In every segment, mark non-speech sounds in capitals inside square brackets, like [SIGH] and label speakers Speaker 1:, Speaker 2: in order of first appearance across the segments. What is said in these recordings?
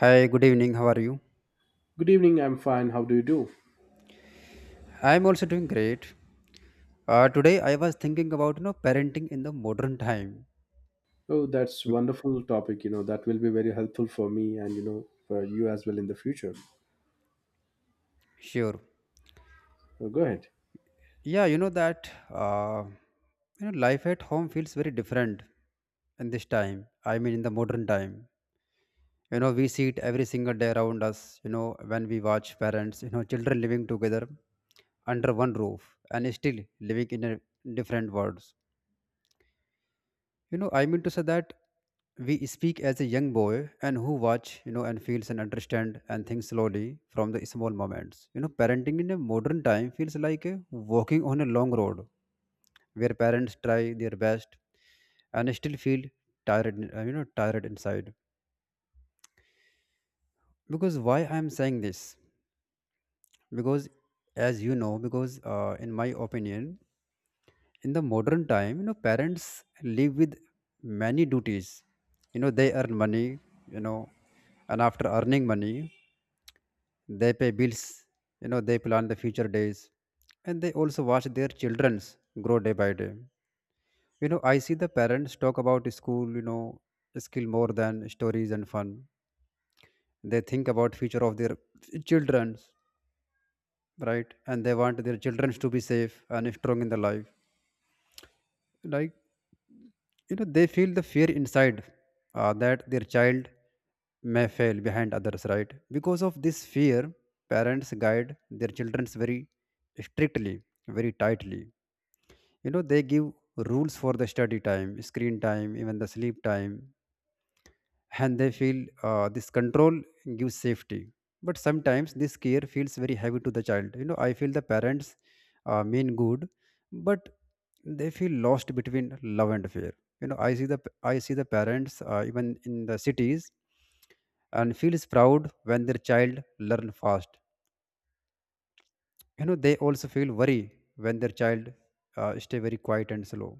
Speaker 1: Hi, good evening. How are you?
Speaker 2: Good evening, I'm fine. How do you do?
Speaker 1: I'm also doing great. Today I was thinking about parenting in the modern time.
Speaker 2: Oh, that's
Speaker 1: Bec-
Speaker 2: wonderful topic, you know, that will be very helpful for me and you know for you as well in the future.
Speaker 1: Sure.
Speaker 2: Oh, go ahead.
Speaker 1: Yeah, you know that you know life at home feels very different in this time. I mean, in the modern time. We see it every single day around us. When we watch parents, children living together under one roof and still living in a different worlds. I mean to say that we speak as a young boy and who watch, and feels and understand and thinks slowly from the small moments. Parenting in a modern time feels like a walking on a long road where parents try their best and still feel tired, tired inside. Because why I am saying this? Because as you know, because in my opinion, in the modern time parents live with many duties, they earn money, you know and after earning money they pay bills, they plan the future days, and they also watch their children's grow day by day. I see the parents talk about school, skill more than stories and fun. They think about future of their children's, right? And they want their children to be safe and strong in the life, like, they feel the fear inside, that their child may fail behind others, right? Because of this fear parents guide their children very strictly, very tightly. They give rules for the study time, screen time, even the sleep time. And they feel this control gives safety, but sometimes this care feels very heavy to the child. I feel the parents mean good, but they feel lost between love and fear. I see the, I see the parents, even in the cities, and feels proud when their child learn fast. They also feel worry when their child stay very quiet and slow.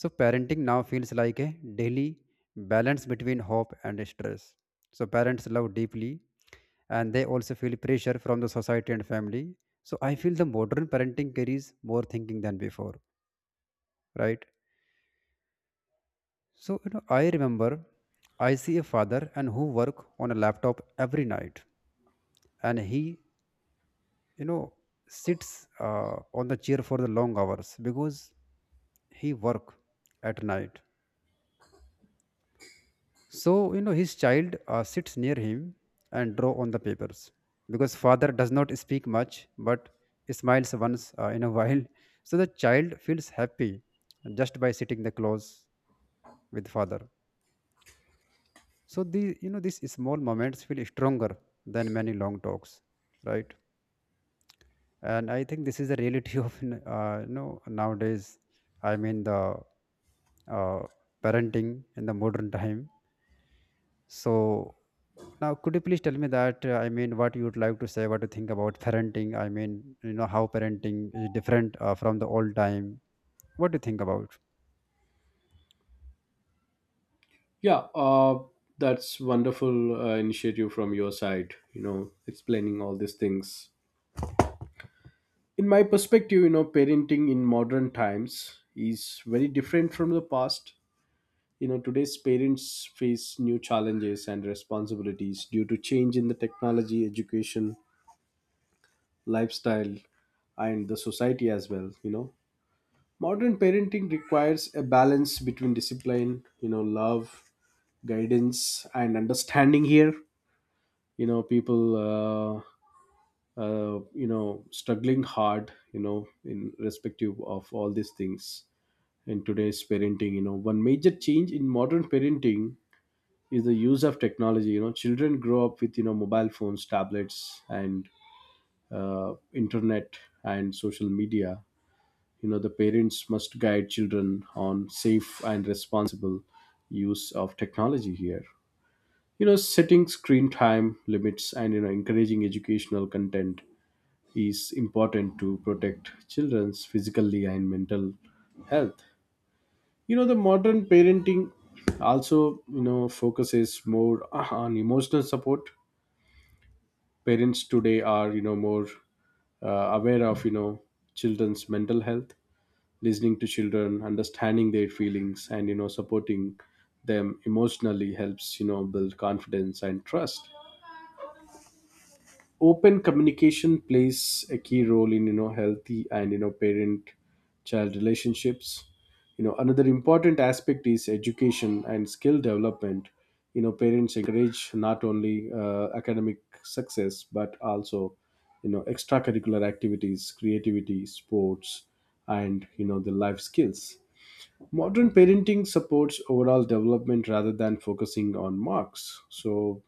Speaker 1: So parenting now feels like a daily balance between hope and stress. So parents love deeply, and they also feel pressure from the society and family. So I feel the modern parenting carries more thinking than before, right? So, I remember I see a father and who work on a laptop every night, and he, you know, sits on the chair for the long hours because he work at night. So, his child sits near him and draw on the papers, because father does not speak much but smiles once in a while. So the child feels happy just by sitting the close with father. So the these small moments feel stronger than many long talks, right? And I think this is the reality [LAUGHS] of nowadays. I mean the uh, parenting in the modern time. So now, could you please tell me that? I mean, what you would like to say, what you think about parenting? I mean, how parenting is different from the old time. What do you think about?
Speaker 2: Yeah, that's wonderful initiative from your side, you know, explaining all these things. In my perspective, you know, parenting in modern times is very different from the past. You know, today's parents face new challenges and responsibilities due to change in the technology, education, lifestyle, and the society as well, you know. Modern parenting requires a balance between discipline, you know, love, guidance, and understanding. Here, you know, people, you know, struggling hard, you know, in respective of all these things in today's parenting. You know, one major change in modern parenting is the use of technology. You know, children grow up with you know mobile phones, tablets, and internet and social media. You know the parents must guide children on safe and responsible use of technology here, you know, setting screen time limits and you know encouraging educational content is important to protect children's physically and mental health. You know the modern parenting also, you know, focuses more on emotional support. Parents today are you know more uh, aware of you know children's mental health, listening to children, understanding their feelings, and you know supporting them emotionally helps you know build confidence and trust. Open communication plays a key role in you know healthy and you know parent child relationships. You know another important aspect is education and skill development. You know parents encourage not only academic success, but also you know extracurricular activities, creativity, sports, and you know the life skills. Modern parenting supports overall development rather than focusing on marks. So,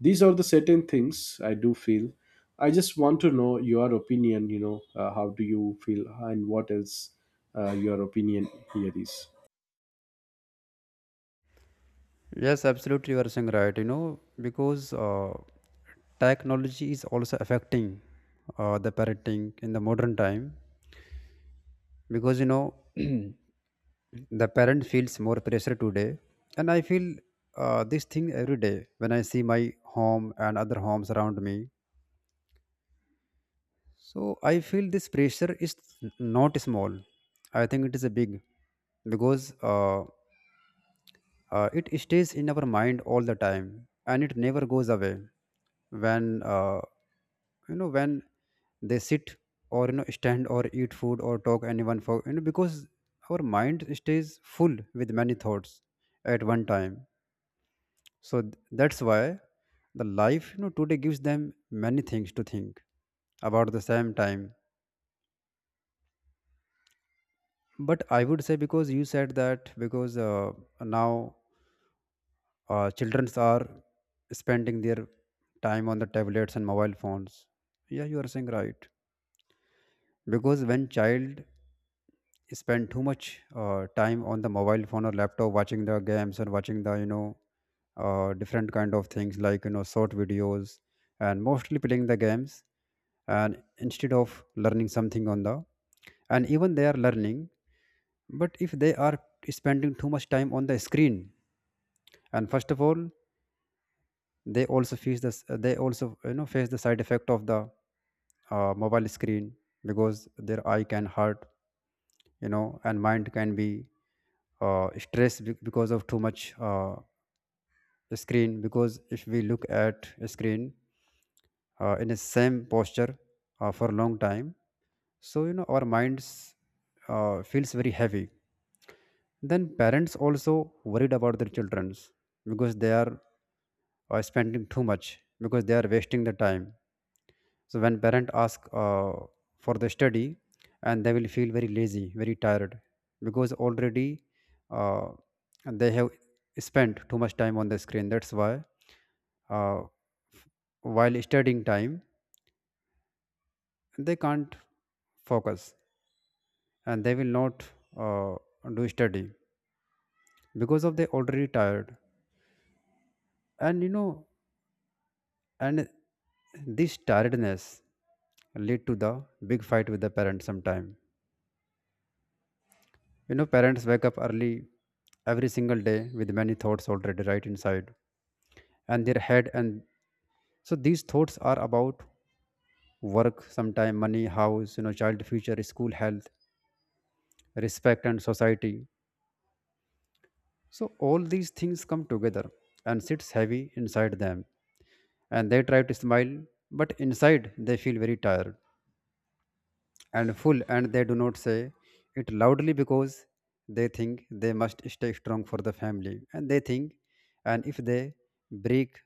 Speaker 2: these are the certain things I do feel. I just want to know your opinion. You know, how do you feel, and what else your opinion here is?
Speaker 1: Yes, absolutely, you are saying right. You know, because technology is also affecting the parenting in the modern time. Because [CLEARS THROAT] the parent feels more pressure today, and I feel this thing every day when I see my home and other homes around me. So I feel this pressure is not small. I think it is a big, because it stays in our mind all the time and it never goes away. When you know when they sit, or stand or eat food or talk anyone for, because our mind stays full with many thoughts at one time. So that's why the life today gives them many things to think about the same time. But I would say because you said that, because now children are spending their time on the tablets and mobile phones. Yeah, you are saying right. Because when child spend too much time on the mobile phone or laptop, watching the games and watching the different kind of things, like short videos, and mostly playing the games, and instead of learning something on the, and even they are learning, but if they are spending too much time on the screen. And first of all, they also face the side effect of the mobile screen, because their eye can hurt, and mind can be stressed, because of too much screen. Because if we look at a screen in the same posture for a long time, so our minds feels very heavy. Then parents also worried about their childrens because they are spending too much, because they are wasting the time. So when parent ask for the study, and they will feel very lazy, very tired because already uh, they have spent too much time on the screen. That's why uh, f- while studying time they can't focus, and they will not uh, do study, because of they already tired. And and this tiredness lead to the big fight with the parents sometime. Parents wake up early every single day with many thoughts already right inside and their head. And so these thoughts are about work sometime, money, house, child future, school, health, respect and society. So all these things come together and sits heavy inside them, and they try to smile, but inside they feel very tired and full, and they do not say it loudly, because they think they must stay strong for the family, and they think, and if they break,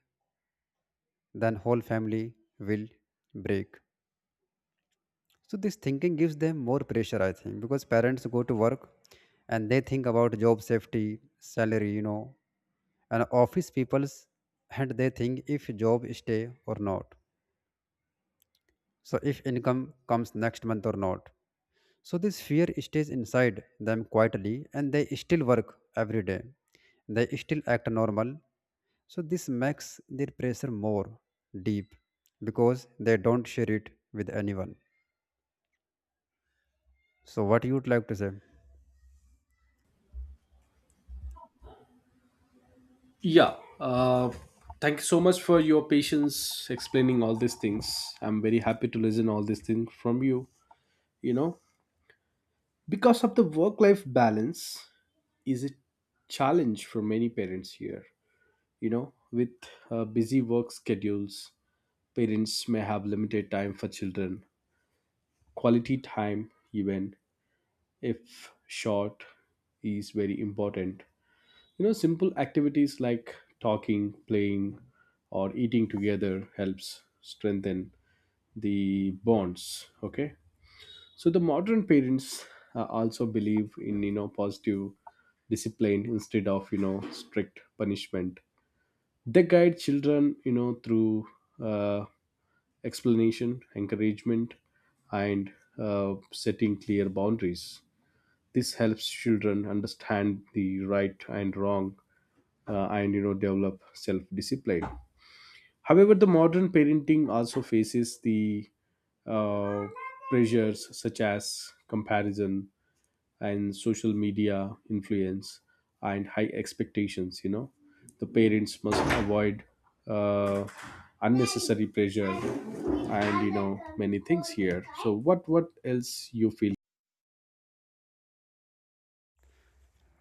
Speaker 1: then whole family will break. So this thinking gives them more pressure, I think. Because parents go to work, and they think about job safety, salary, and office people's, and they think if job stay or not. So if income comes next month or not. So this fear stays inside them quietly, and they still work every day. They still act normal. So this makes their pressure more deep, because they don't share it with anyone. So what you would like to say?
Speaker 2: Yeah. Uh, Thank you so much for your patience explaining all these things. I'm very happy to listen all these things from you. You know, because of the work-life balance is a challenge for many parents here. You know, with busy work schedules, parents may have limited time for children. Quality time, even if short, is very important. You know, simple activities like talking, playing, or eating together helps strengthen the bonds. Okay, so the modern parents also believe in you know positive discipline instead of you know strict punishment. They guide children you know through uh, explanation, encouragement, and setting clear boundaries. This helps children understand the right and wrong, and you know develop self discipline. However, the modern parenting also faces the uh, pressures such as comparison, and social media influence and high expectations. You know the parents must avoid uh, unnecessary pressure and you know many things here. So what else you feel?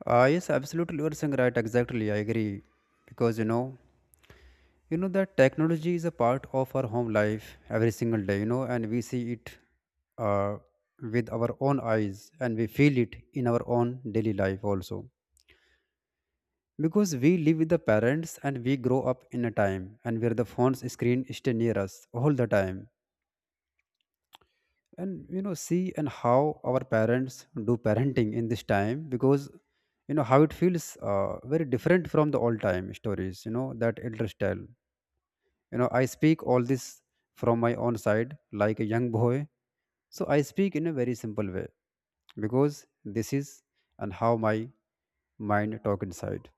Speaker 1: Yes, absolutely you are saying right, exactly. I agree. Because that technology is a part of our home life every single day, and we see it uh, with our own eyes, and we feel it in our own daily life also. Because we live with the parents, and we grow up in a time and where the phone's screen stay near us all the time. And see and how our parents do parenting in this time, because how it feels very different from the old time stories, that elders tell. I speak all this from my own side, like a young boy. So I speak in a very simple way, because this is and how my mind talk inside.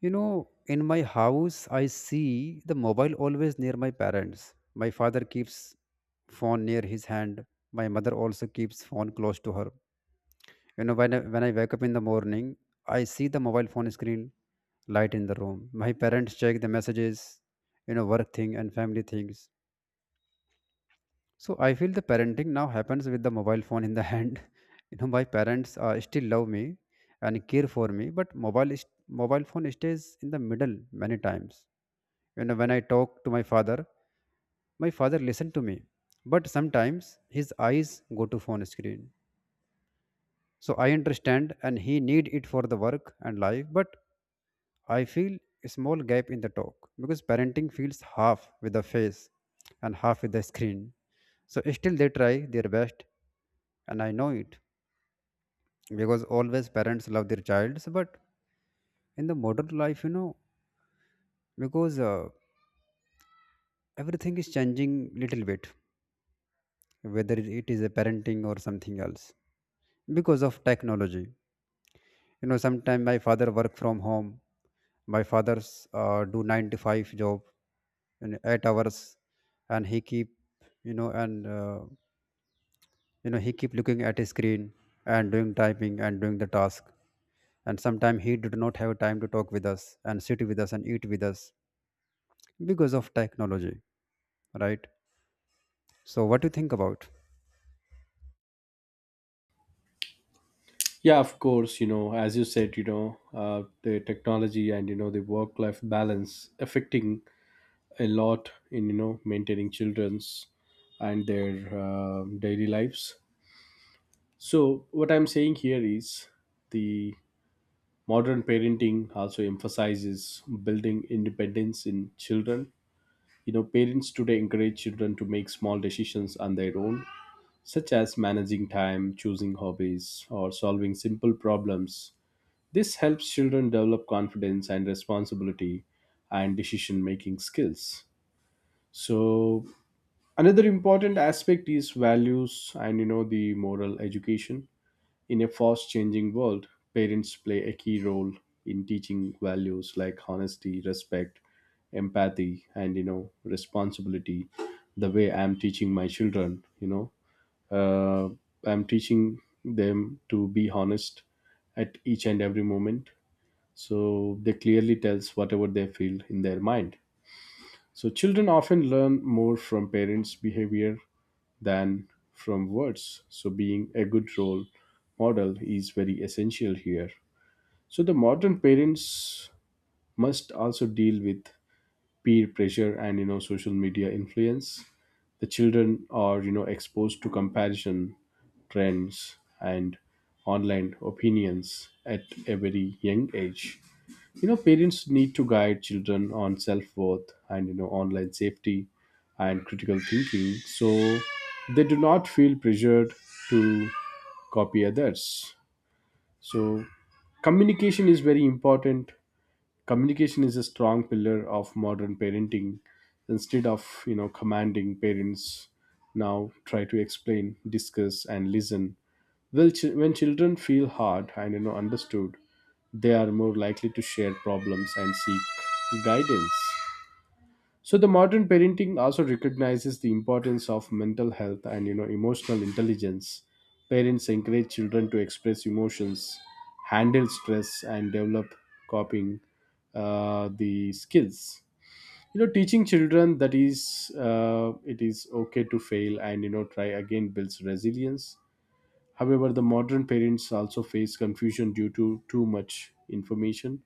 Speaker 1: In my house, I see the mobile always near my parents. My father keeps phone near his hand. My mother also keeps phone close to her. When I wake up in the morning, I see the mobile phone screen light in the room. My parents check the messages, work thing and family things. So I feel the parenting now happens with the mobile phone in the [LAUGHS] hand. You know, my parents still love me and care for me, but mobile phone stays in the middle many times. You know, when I talk to my father, my father listen to me, but sometimes his eyes go to phone screen. So I understand and he need it for the work and life, but I feel a small gap in the talk because parenting feels half with the face and half with the screen. So still they try their best and I know it, because always parents love their childs. But in the modern life, you know, because everything is changing little bit, whether it is a parenting or something else, because of technology. You know, sometimes my father work from home. My father's do 9 to 5 job in 8 hours, and he keep, you know and uh, you know, he keep looking at his screen and doing typing and doing the task. And sometimes he did not have time to talk with us and sit with us and eat with us because of technology, right? So what do you think about?
Speaker 2: Yeah, of course, you know, as you said, you know, the technology and you know the work life balance affecting a lot in you know maintaining children's and their daily lives. So what I'm saying here is the modern parenting also emphasizes building independence in children. You know parents today encourage children to make small decisions on their own, such as managing time, choosing hobbies, or solving simple problems. This helps children develop confidence and responsibility and decision making skills. So another important aspect is values and you know the moral education. In a fast changing world, parents play a key role in teaching values like honesty, respect, empathy, and you know, responsibility. The way I'm teaching my children, you know, I'm teaching them to be honest at each and every moment. So they clearly tells whatever they feel in their mind. So children often learn more from parents' behavior than from words. So, being a good role model is very essential here. So, the modern parents must also deal with peer pressure and you know social media influence. The children are you know exposed to comparison, trends, and online opinions at a very young age. You know parents need to guide children on self-worth and you know online safety and critical thinking, so they do not feel pressured to copy others. So communication is very important. Communication is a strong pillar of modern parenting. Instead of you know commanding, parents now try to explain, discuss, and listen well. When children feel heard and you know understood, they are more likely to share problems and seek guidance. So the modern parenting also recognizes the importance of mental health and you know emotional intelligence. Parents encourage children to express emotions, handle stress, and develop coping the skills. You know, teaching children that is it is okay to fail and you know try again builds resilience. However, the modern parents also face confusion due to too much information.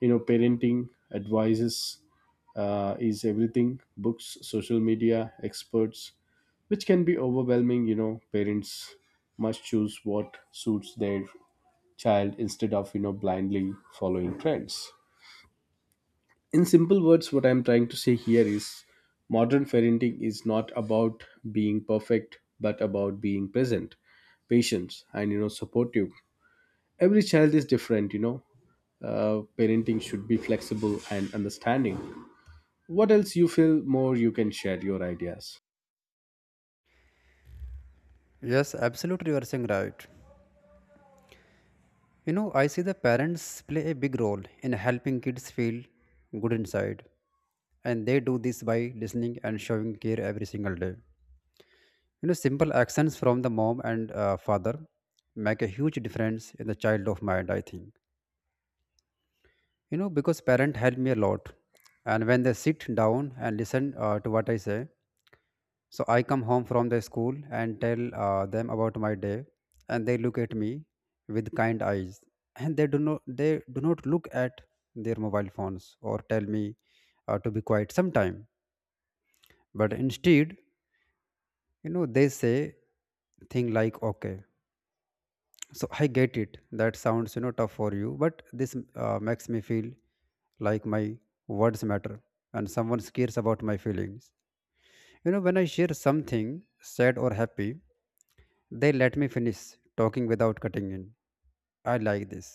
Speaker 2: You know, parenting advices is everything: books, social media, experts, which can be overwhelming. You know, parents must choose what suits their child instead of, you know, blindly following trends. In simple words, what I'm trying to say here is modern parenting is not about being perfect, but about being present, patient, and, you know, supportive. Every child is different, you know. Parenting should be flexible and understanding. What else you feel more you can share your ideas.
Speaker 1: Yes, absolutely, you are saying right. You know, I see the parents play a big role in helping kids feel good inside, and they do this by listening and showing care every single day. You know, simple actions from the mom and father make a huge difference in the child of mind, I think. You know, because parent help me a lot, and when they sit down and listen to what I say. So I come home from the school and tell them about my day, and they look at me with kind eyes, [LAUGHS] and they do not look at their mobile phones or tell me to be quiet sometime. But instead, you know, they say thing like okay. So I get it. That sounds, you know, tough for you, but this makes me feel like my words matter and someone cares about my feelings. You know, when I share something sad or happy, they let me finish talking without cutting in. I like this.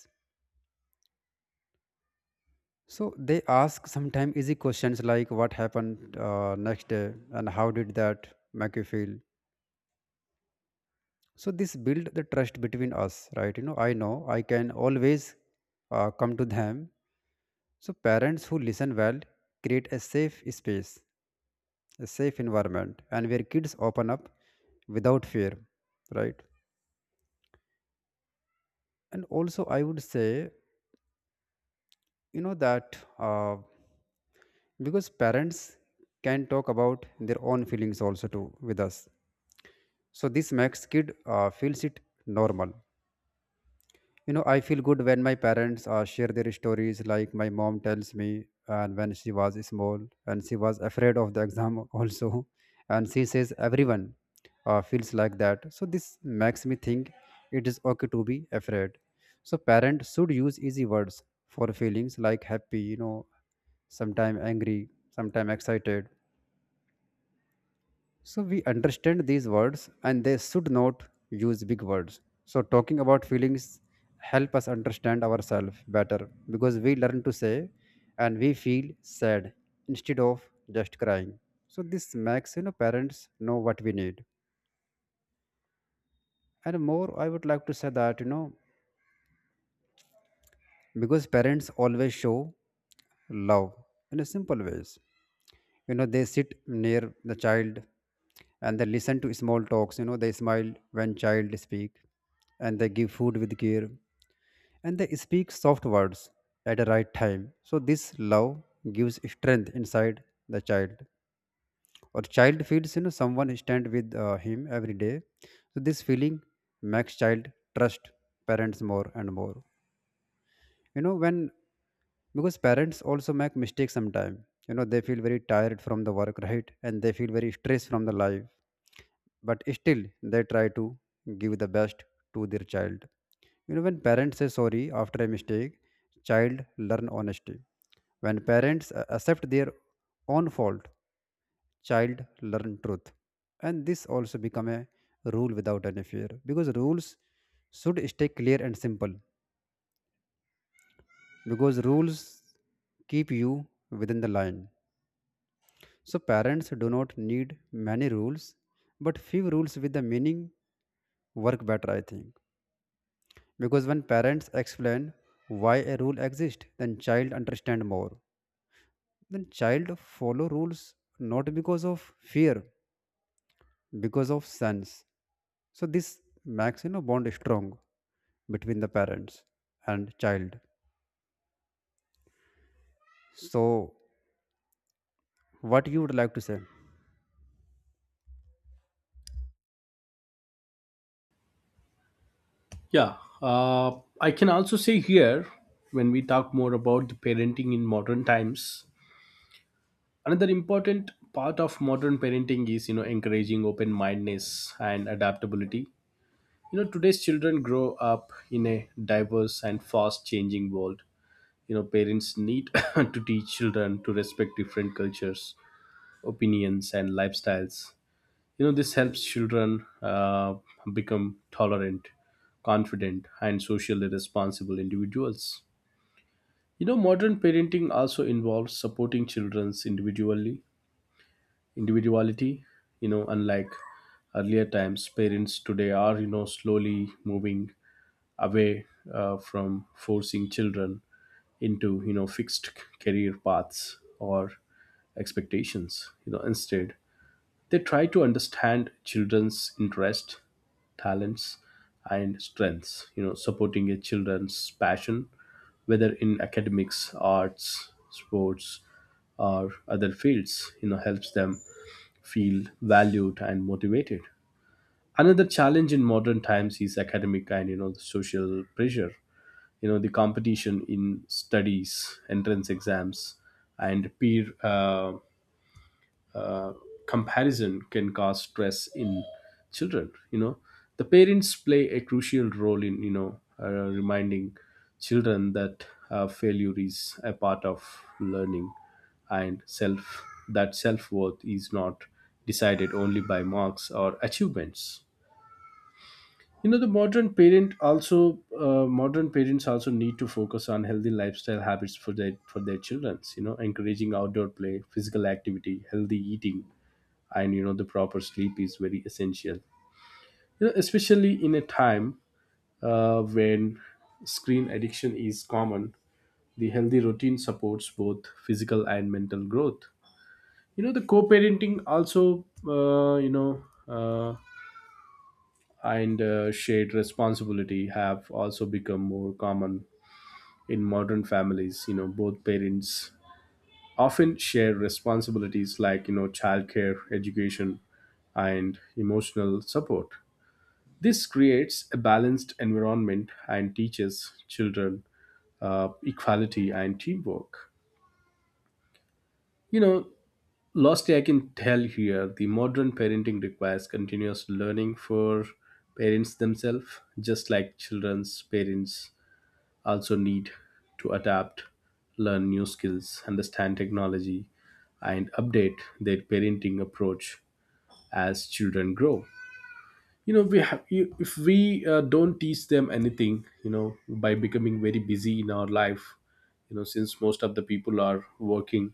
Speaker 1: So they ask sometimes easy questions like what happened next day and how did that make you feel. So this build the trust between us, right? You know I can always come to them. So parents who listen well create a safe space, a safe environment, and where kids open up without fear, right? And also, I would say, you know that. Because parents can talk about their own feelings also too with us, so this makes kid feels it normal. You know, I feel good when my parents share their stories, like my mom tells me and when she was small and she was afraid of the exam also, [LAUGHS] and she says everyone feels like that. So this makes me think it is okay to be afraid. So parents should use easy words for feelings like happy, you know, sometime angry, sometime excited. So we understand these words and they should not use big words. So talking about feelings help us understand ourselves better because we learn to say and we feel sad instead of just crying. So this makes, you know, parents know what we need. And more I would like to say that, you know, because parents always show love in a simple ways. You know, they sit near the child and they listen to small talks. You know, they smile when child speak, and they give food with care, and they speak soft words at the right time. So this love gives strength inside the child, or child feels, you know, someone stand with him every day. So this feeling makes child trust parents more and more. You know, when, because parents also make mistakes sometimes. You know, they feel very tired from the work, right, and they feel very stressed from the life, but still they try to give the best to their child. You know, when parents say sorry after a mistake, child learn honesty. When parents accept their own fault, child learn truth. And this also become a rule without any fear, because rules should stay clear and simple, because rules keep you within the line. So parents do not need many rules, but few rules with the meaning work better, I think. Because when parents explain why a rule exists, then child understand more. Then child follow rules not because of fear, because of sense. So this makes, you know, bond strong between the parents and child. So what you would like to say?
Speaker 2: Yeah, uh, I can also say here, when we talk more about the parenting in modern times, another important part of modern parenting is you know encouraging open mindedness and adaptability. You know today's children grow up in a diverse and fast changing world. You know parents need [COUGHS] to teach children to respect different cultures, opinions, and lifestyles. You know this helps children become tolerant, confident, and socially responsible individuals. You know modern parenting also involves supporting children's individually individuality. You know, unlike earlier times, parents today are you know slowly moving away from forcing children into you know fixed career paths or expectations. You know instead they try to understand children's interests, talents, and strengths, you know, supporting a children's passion, whether in academics, arts, sports, or other fields, you know, helps them feel valued and motivated. Another challenge in modern times is academic and you know the social pressure. You know the competition in studies, entrance exams, and peer uh, comparison can cause stress in children. You know the parents play a crucial role in you know reminding children that failure is a part of learning, and self-worth is not decided only by marks or achievements. You know the modern parent also, modern parents also need to focus on healthy lifestyle habits for their childrens. You know encouraging outdoor play, physical activity, healthy eating, and you know the proper sleep is very essential, you know, especially in a time when screen addiction is common. The healthy routine supports both physical and mental growth. You know the co-parenting also, you know and shared responsibility have also become more common in modern families. You know both parents often share responsibilities like you know childcare, education, and emotional support. This creates a balanced environment and teaches children equality and teamwork. You know lastly I can tell here the modern parenting requires continuous learning for parents themselves. Just like children's, parents also need to adapt, learn new skills, understand technology, and update their parenting approach as children grow. You know, we have, you, if we don't teach them anything, you know, by becoming very busy in our life, you know, since most of the people are working,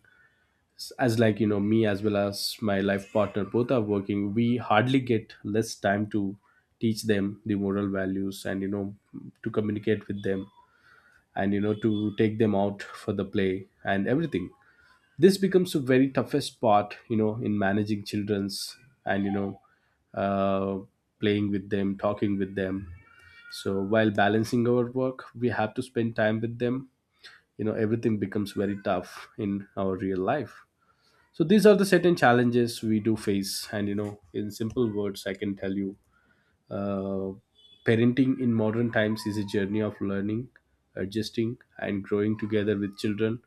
Speaker 2: as like, you know, me as well as my life partner, both are working, we hardly get less time to teach them the moral values and, you know, to communicate with them and you know to take them out for the play and everything. This becomes a very toughest part you know in managing children's and you know uh, playing with them, talking with them. So while balancing our work we have to spend time with them. You know everything becomes very tough in our real life. So these are the certain challenges we do face and you know in simple words I can tell you, uh, parenting in modern times is a journey of learning, adjusting, and growing together with children.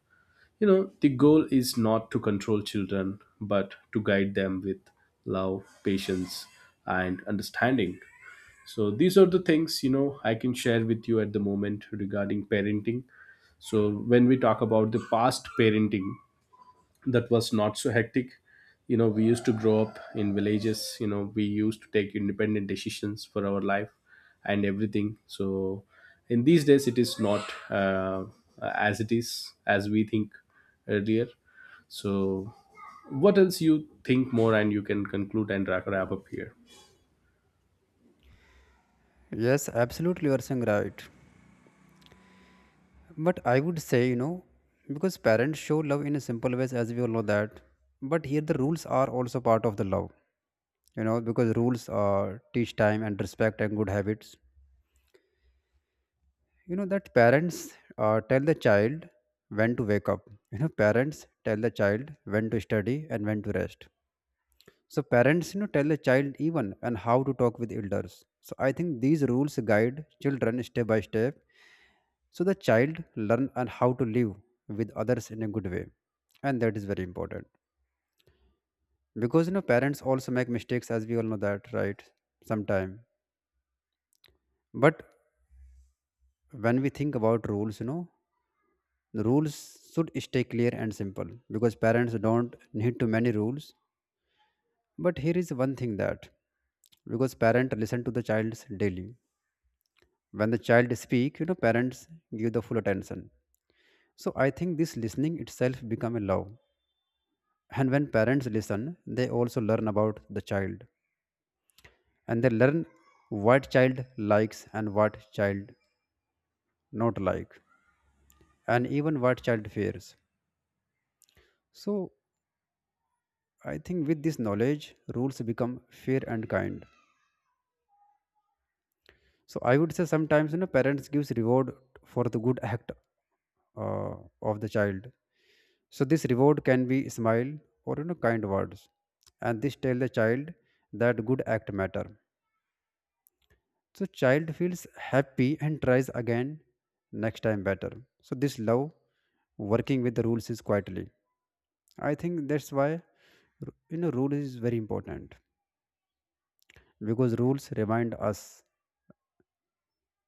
Speaker 2: You know, the goal is not to control children, but to guide them with love, patience, and understanding. So, these are the things, you know, I can share with you at the moment regarding parenting. So, when we talk about the past parenting, that was not so hectic. You know we used to grow up in villages. You know we used to take independent decisions for our life and everything. So in these days it is not as it is as we think earlier. So what else you think more and you can conclude and wrap up here.
Speaker 1: Yes, absolutely, you are saying right. But I would say, you know, because parents show love in a simple ways, as we all know that. But here the rules are also part of the love, you know, because rules teach time and respect and good habits. You know, that parents tell the child when to wake up. You know, parents tell the child when to study and when to rest. So parents, you know, tell the child even and how to talk with elders. So I think these rules guide children step by step. So the child learn and how to live with others in a good way, and that is very important, because you know parents also make mistakes, as we all know that, right, sometime. But when we think about rules, you know, the rules should stay clear and simple, because parents don't need too many rules. But here is one thing that, because parent listen to the child's daily. When the child speak, you know, parents give the full attention. So I think this listening itself become a love, and when parents listen they also learn about the child, and they learn what child likes and what child not like, and even what child fears. So I think with this knowledge rules become fair and kind. So I would say sometimes, you know, parents gives reward for the good act uh, of the child. So this reward can be smile or, you know, kind words, and this tell the child that good act matter. So child feels happy and tries again next time better. So this love working with the rules is quietly. I think that's why you know, rule is very important, because rules remind us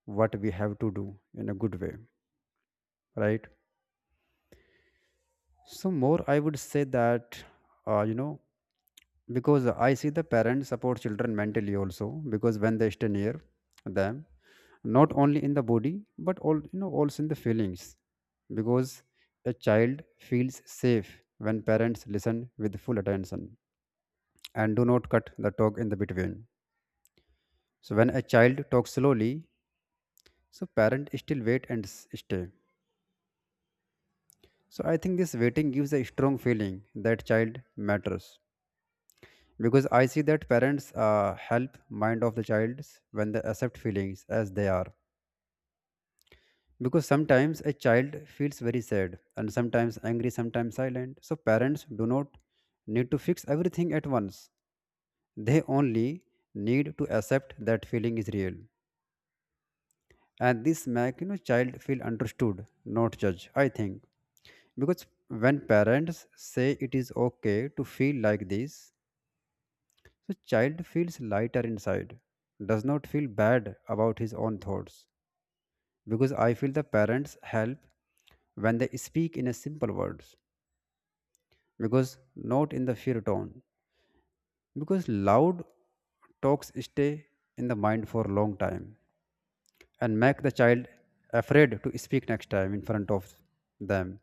Speaker 1: what we have to do in a good way, right? So more, I would say that you know, because I see the parents support children mentally also, because when they stay near them, not only in the body but all, you know, also in the feelings. Because a child feels safe when parents listen with full attention and do not cut the talk in the between. So when a child talks slowly, so parent still wait and stay. So I think this waiting gives a strong feeling that child matters. Because I see that parents help mind of the child when they accept feelings as they are, because sometimes a child feels very sad and sometimes angry, sometimes silent. So parents do not need to fix everything at once. They only need to accept that feeling is real, and this make, you know, child feel understood, not judged, I think. Because when parents say it is okay to feel like this, so child feels lighter inside, does not feel bad about his own thoughts. Because I feel the parents help when they speak in a simple words, because not in the fear tone, because loud talks stay in the mind for a long time and make the child afraid to speak next time in front of them.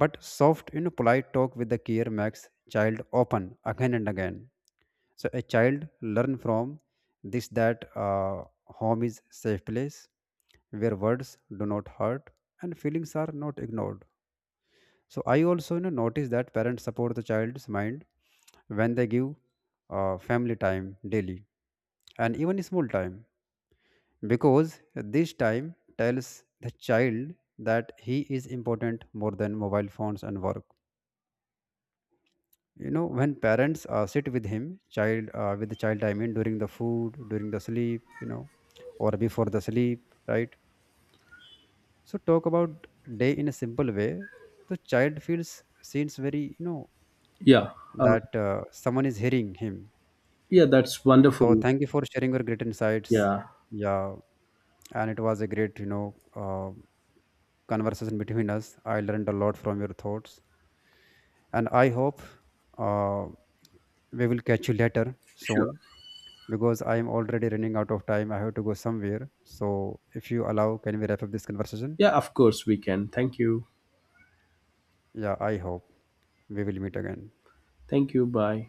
Speaker 1: But soft, you know, polite talk with the care makes child open again and again. So a child learn from this that home is safe place, where words do not hurt and feelings are not ignored. So I also, you know, notice that parents support the child's mind when they give family time daily, and even small time, because this time tells the child that he is important more than mobile phones and work. You know, when parents sit with him child, with the child I mean, during the food, during the sleep, you know, or before the sleep, right? So talk about day in a simple way, the child feels, seems very, you know,
Speaker 2: Yeah, uh,
Speaker 1: that someone is hearing him.
Speaker 2: yeah, that's
Speaker 1: So
Speaker 2: wonderful.
Speaker 1: thank you for sharing your great insights.
Speaker 2: Yeah,
Speaker 1: Yeah, and it was a great, you know, uh, conversation between us. I learned a lot from your thoughts, and I hope, uh, we will catch you later
Speaker 2: sure.
Speaker 1: soon, because I am already running out of time. I have to go somewhere. So, if you allow, can we wrap up this conversation?
Speaker 2: Yeah, of course we can. Thank you.
Speaker 1: Yeah, I hope we will meet again.
Speaker 2: Thank you, bye.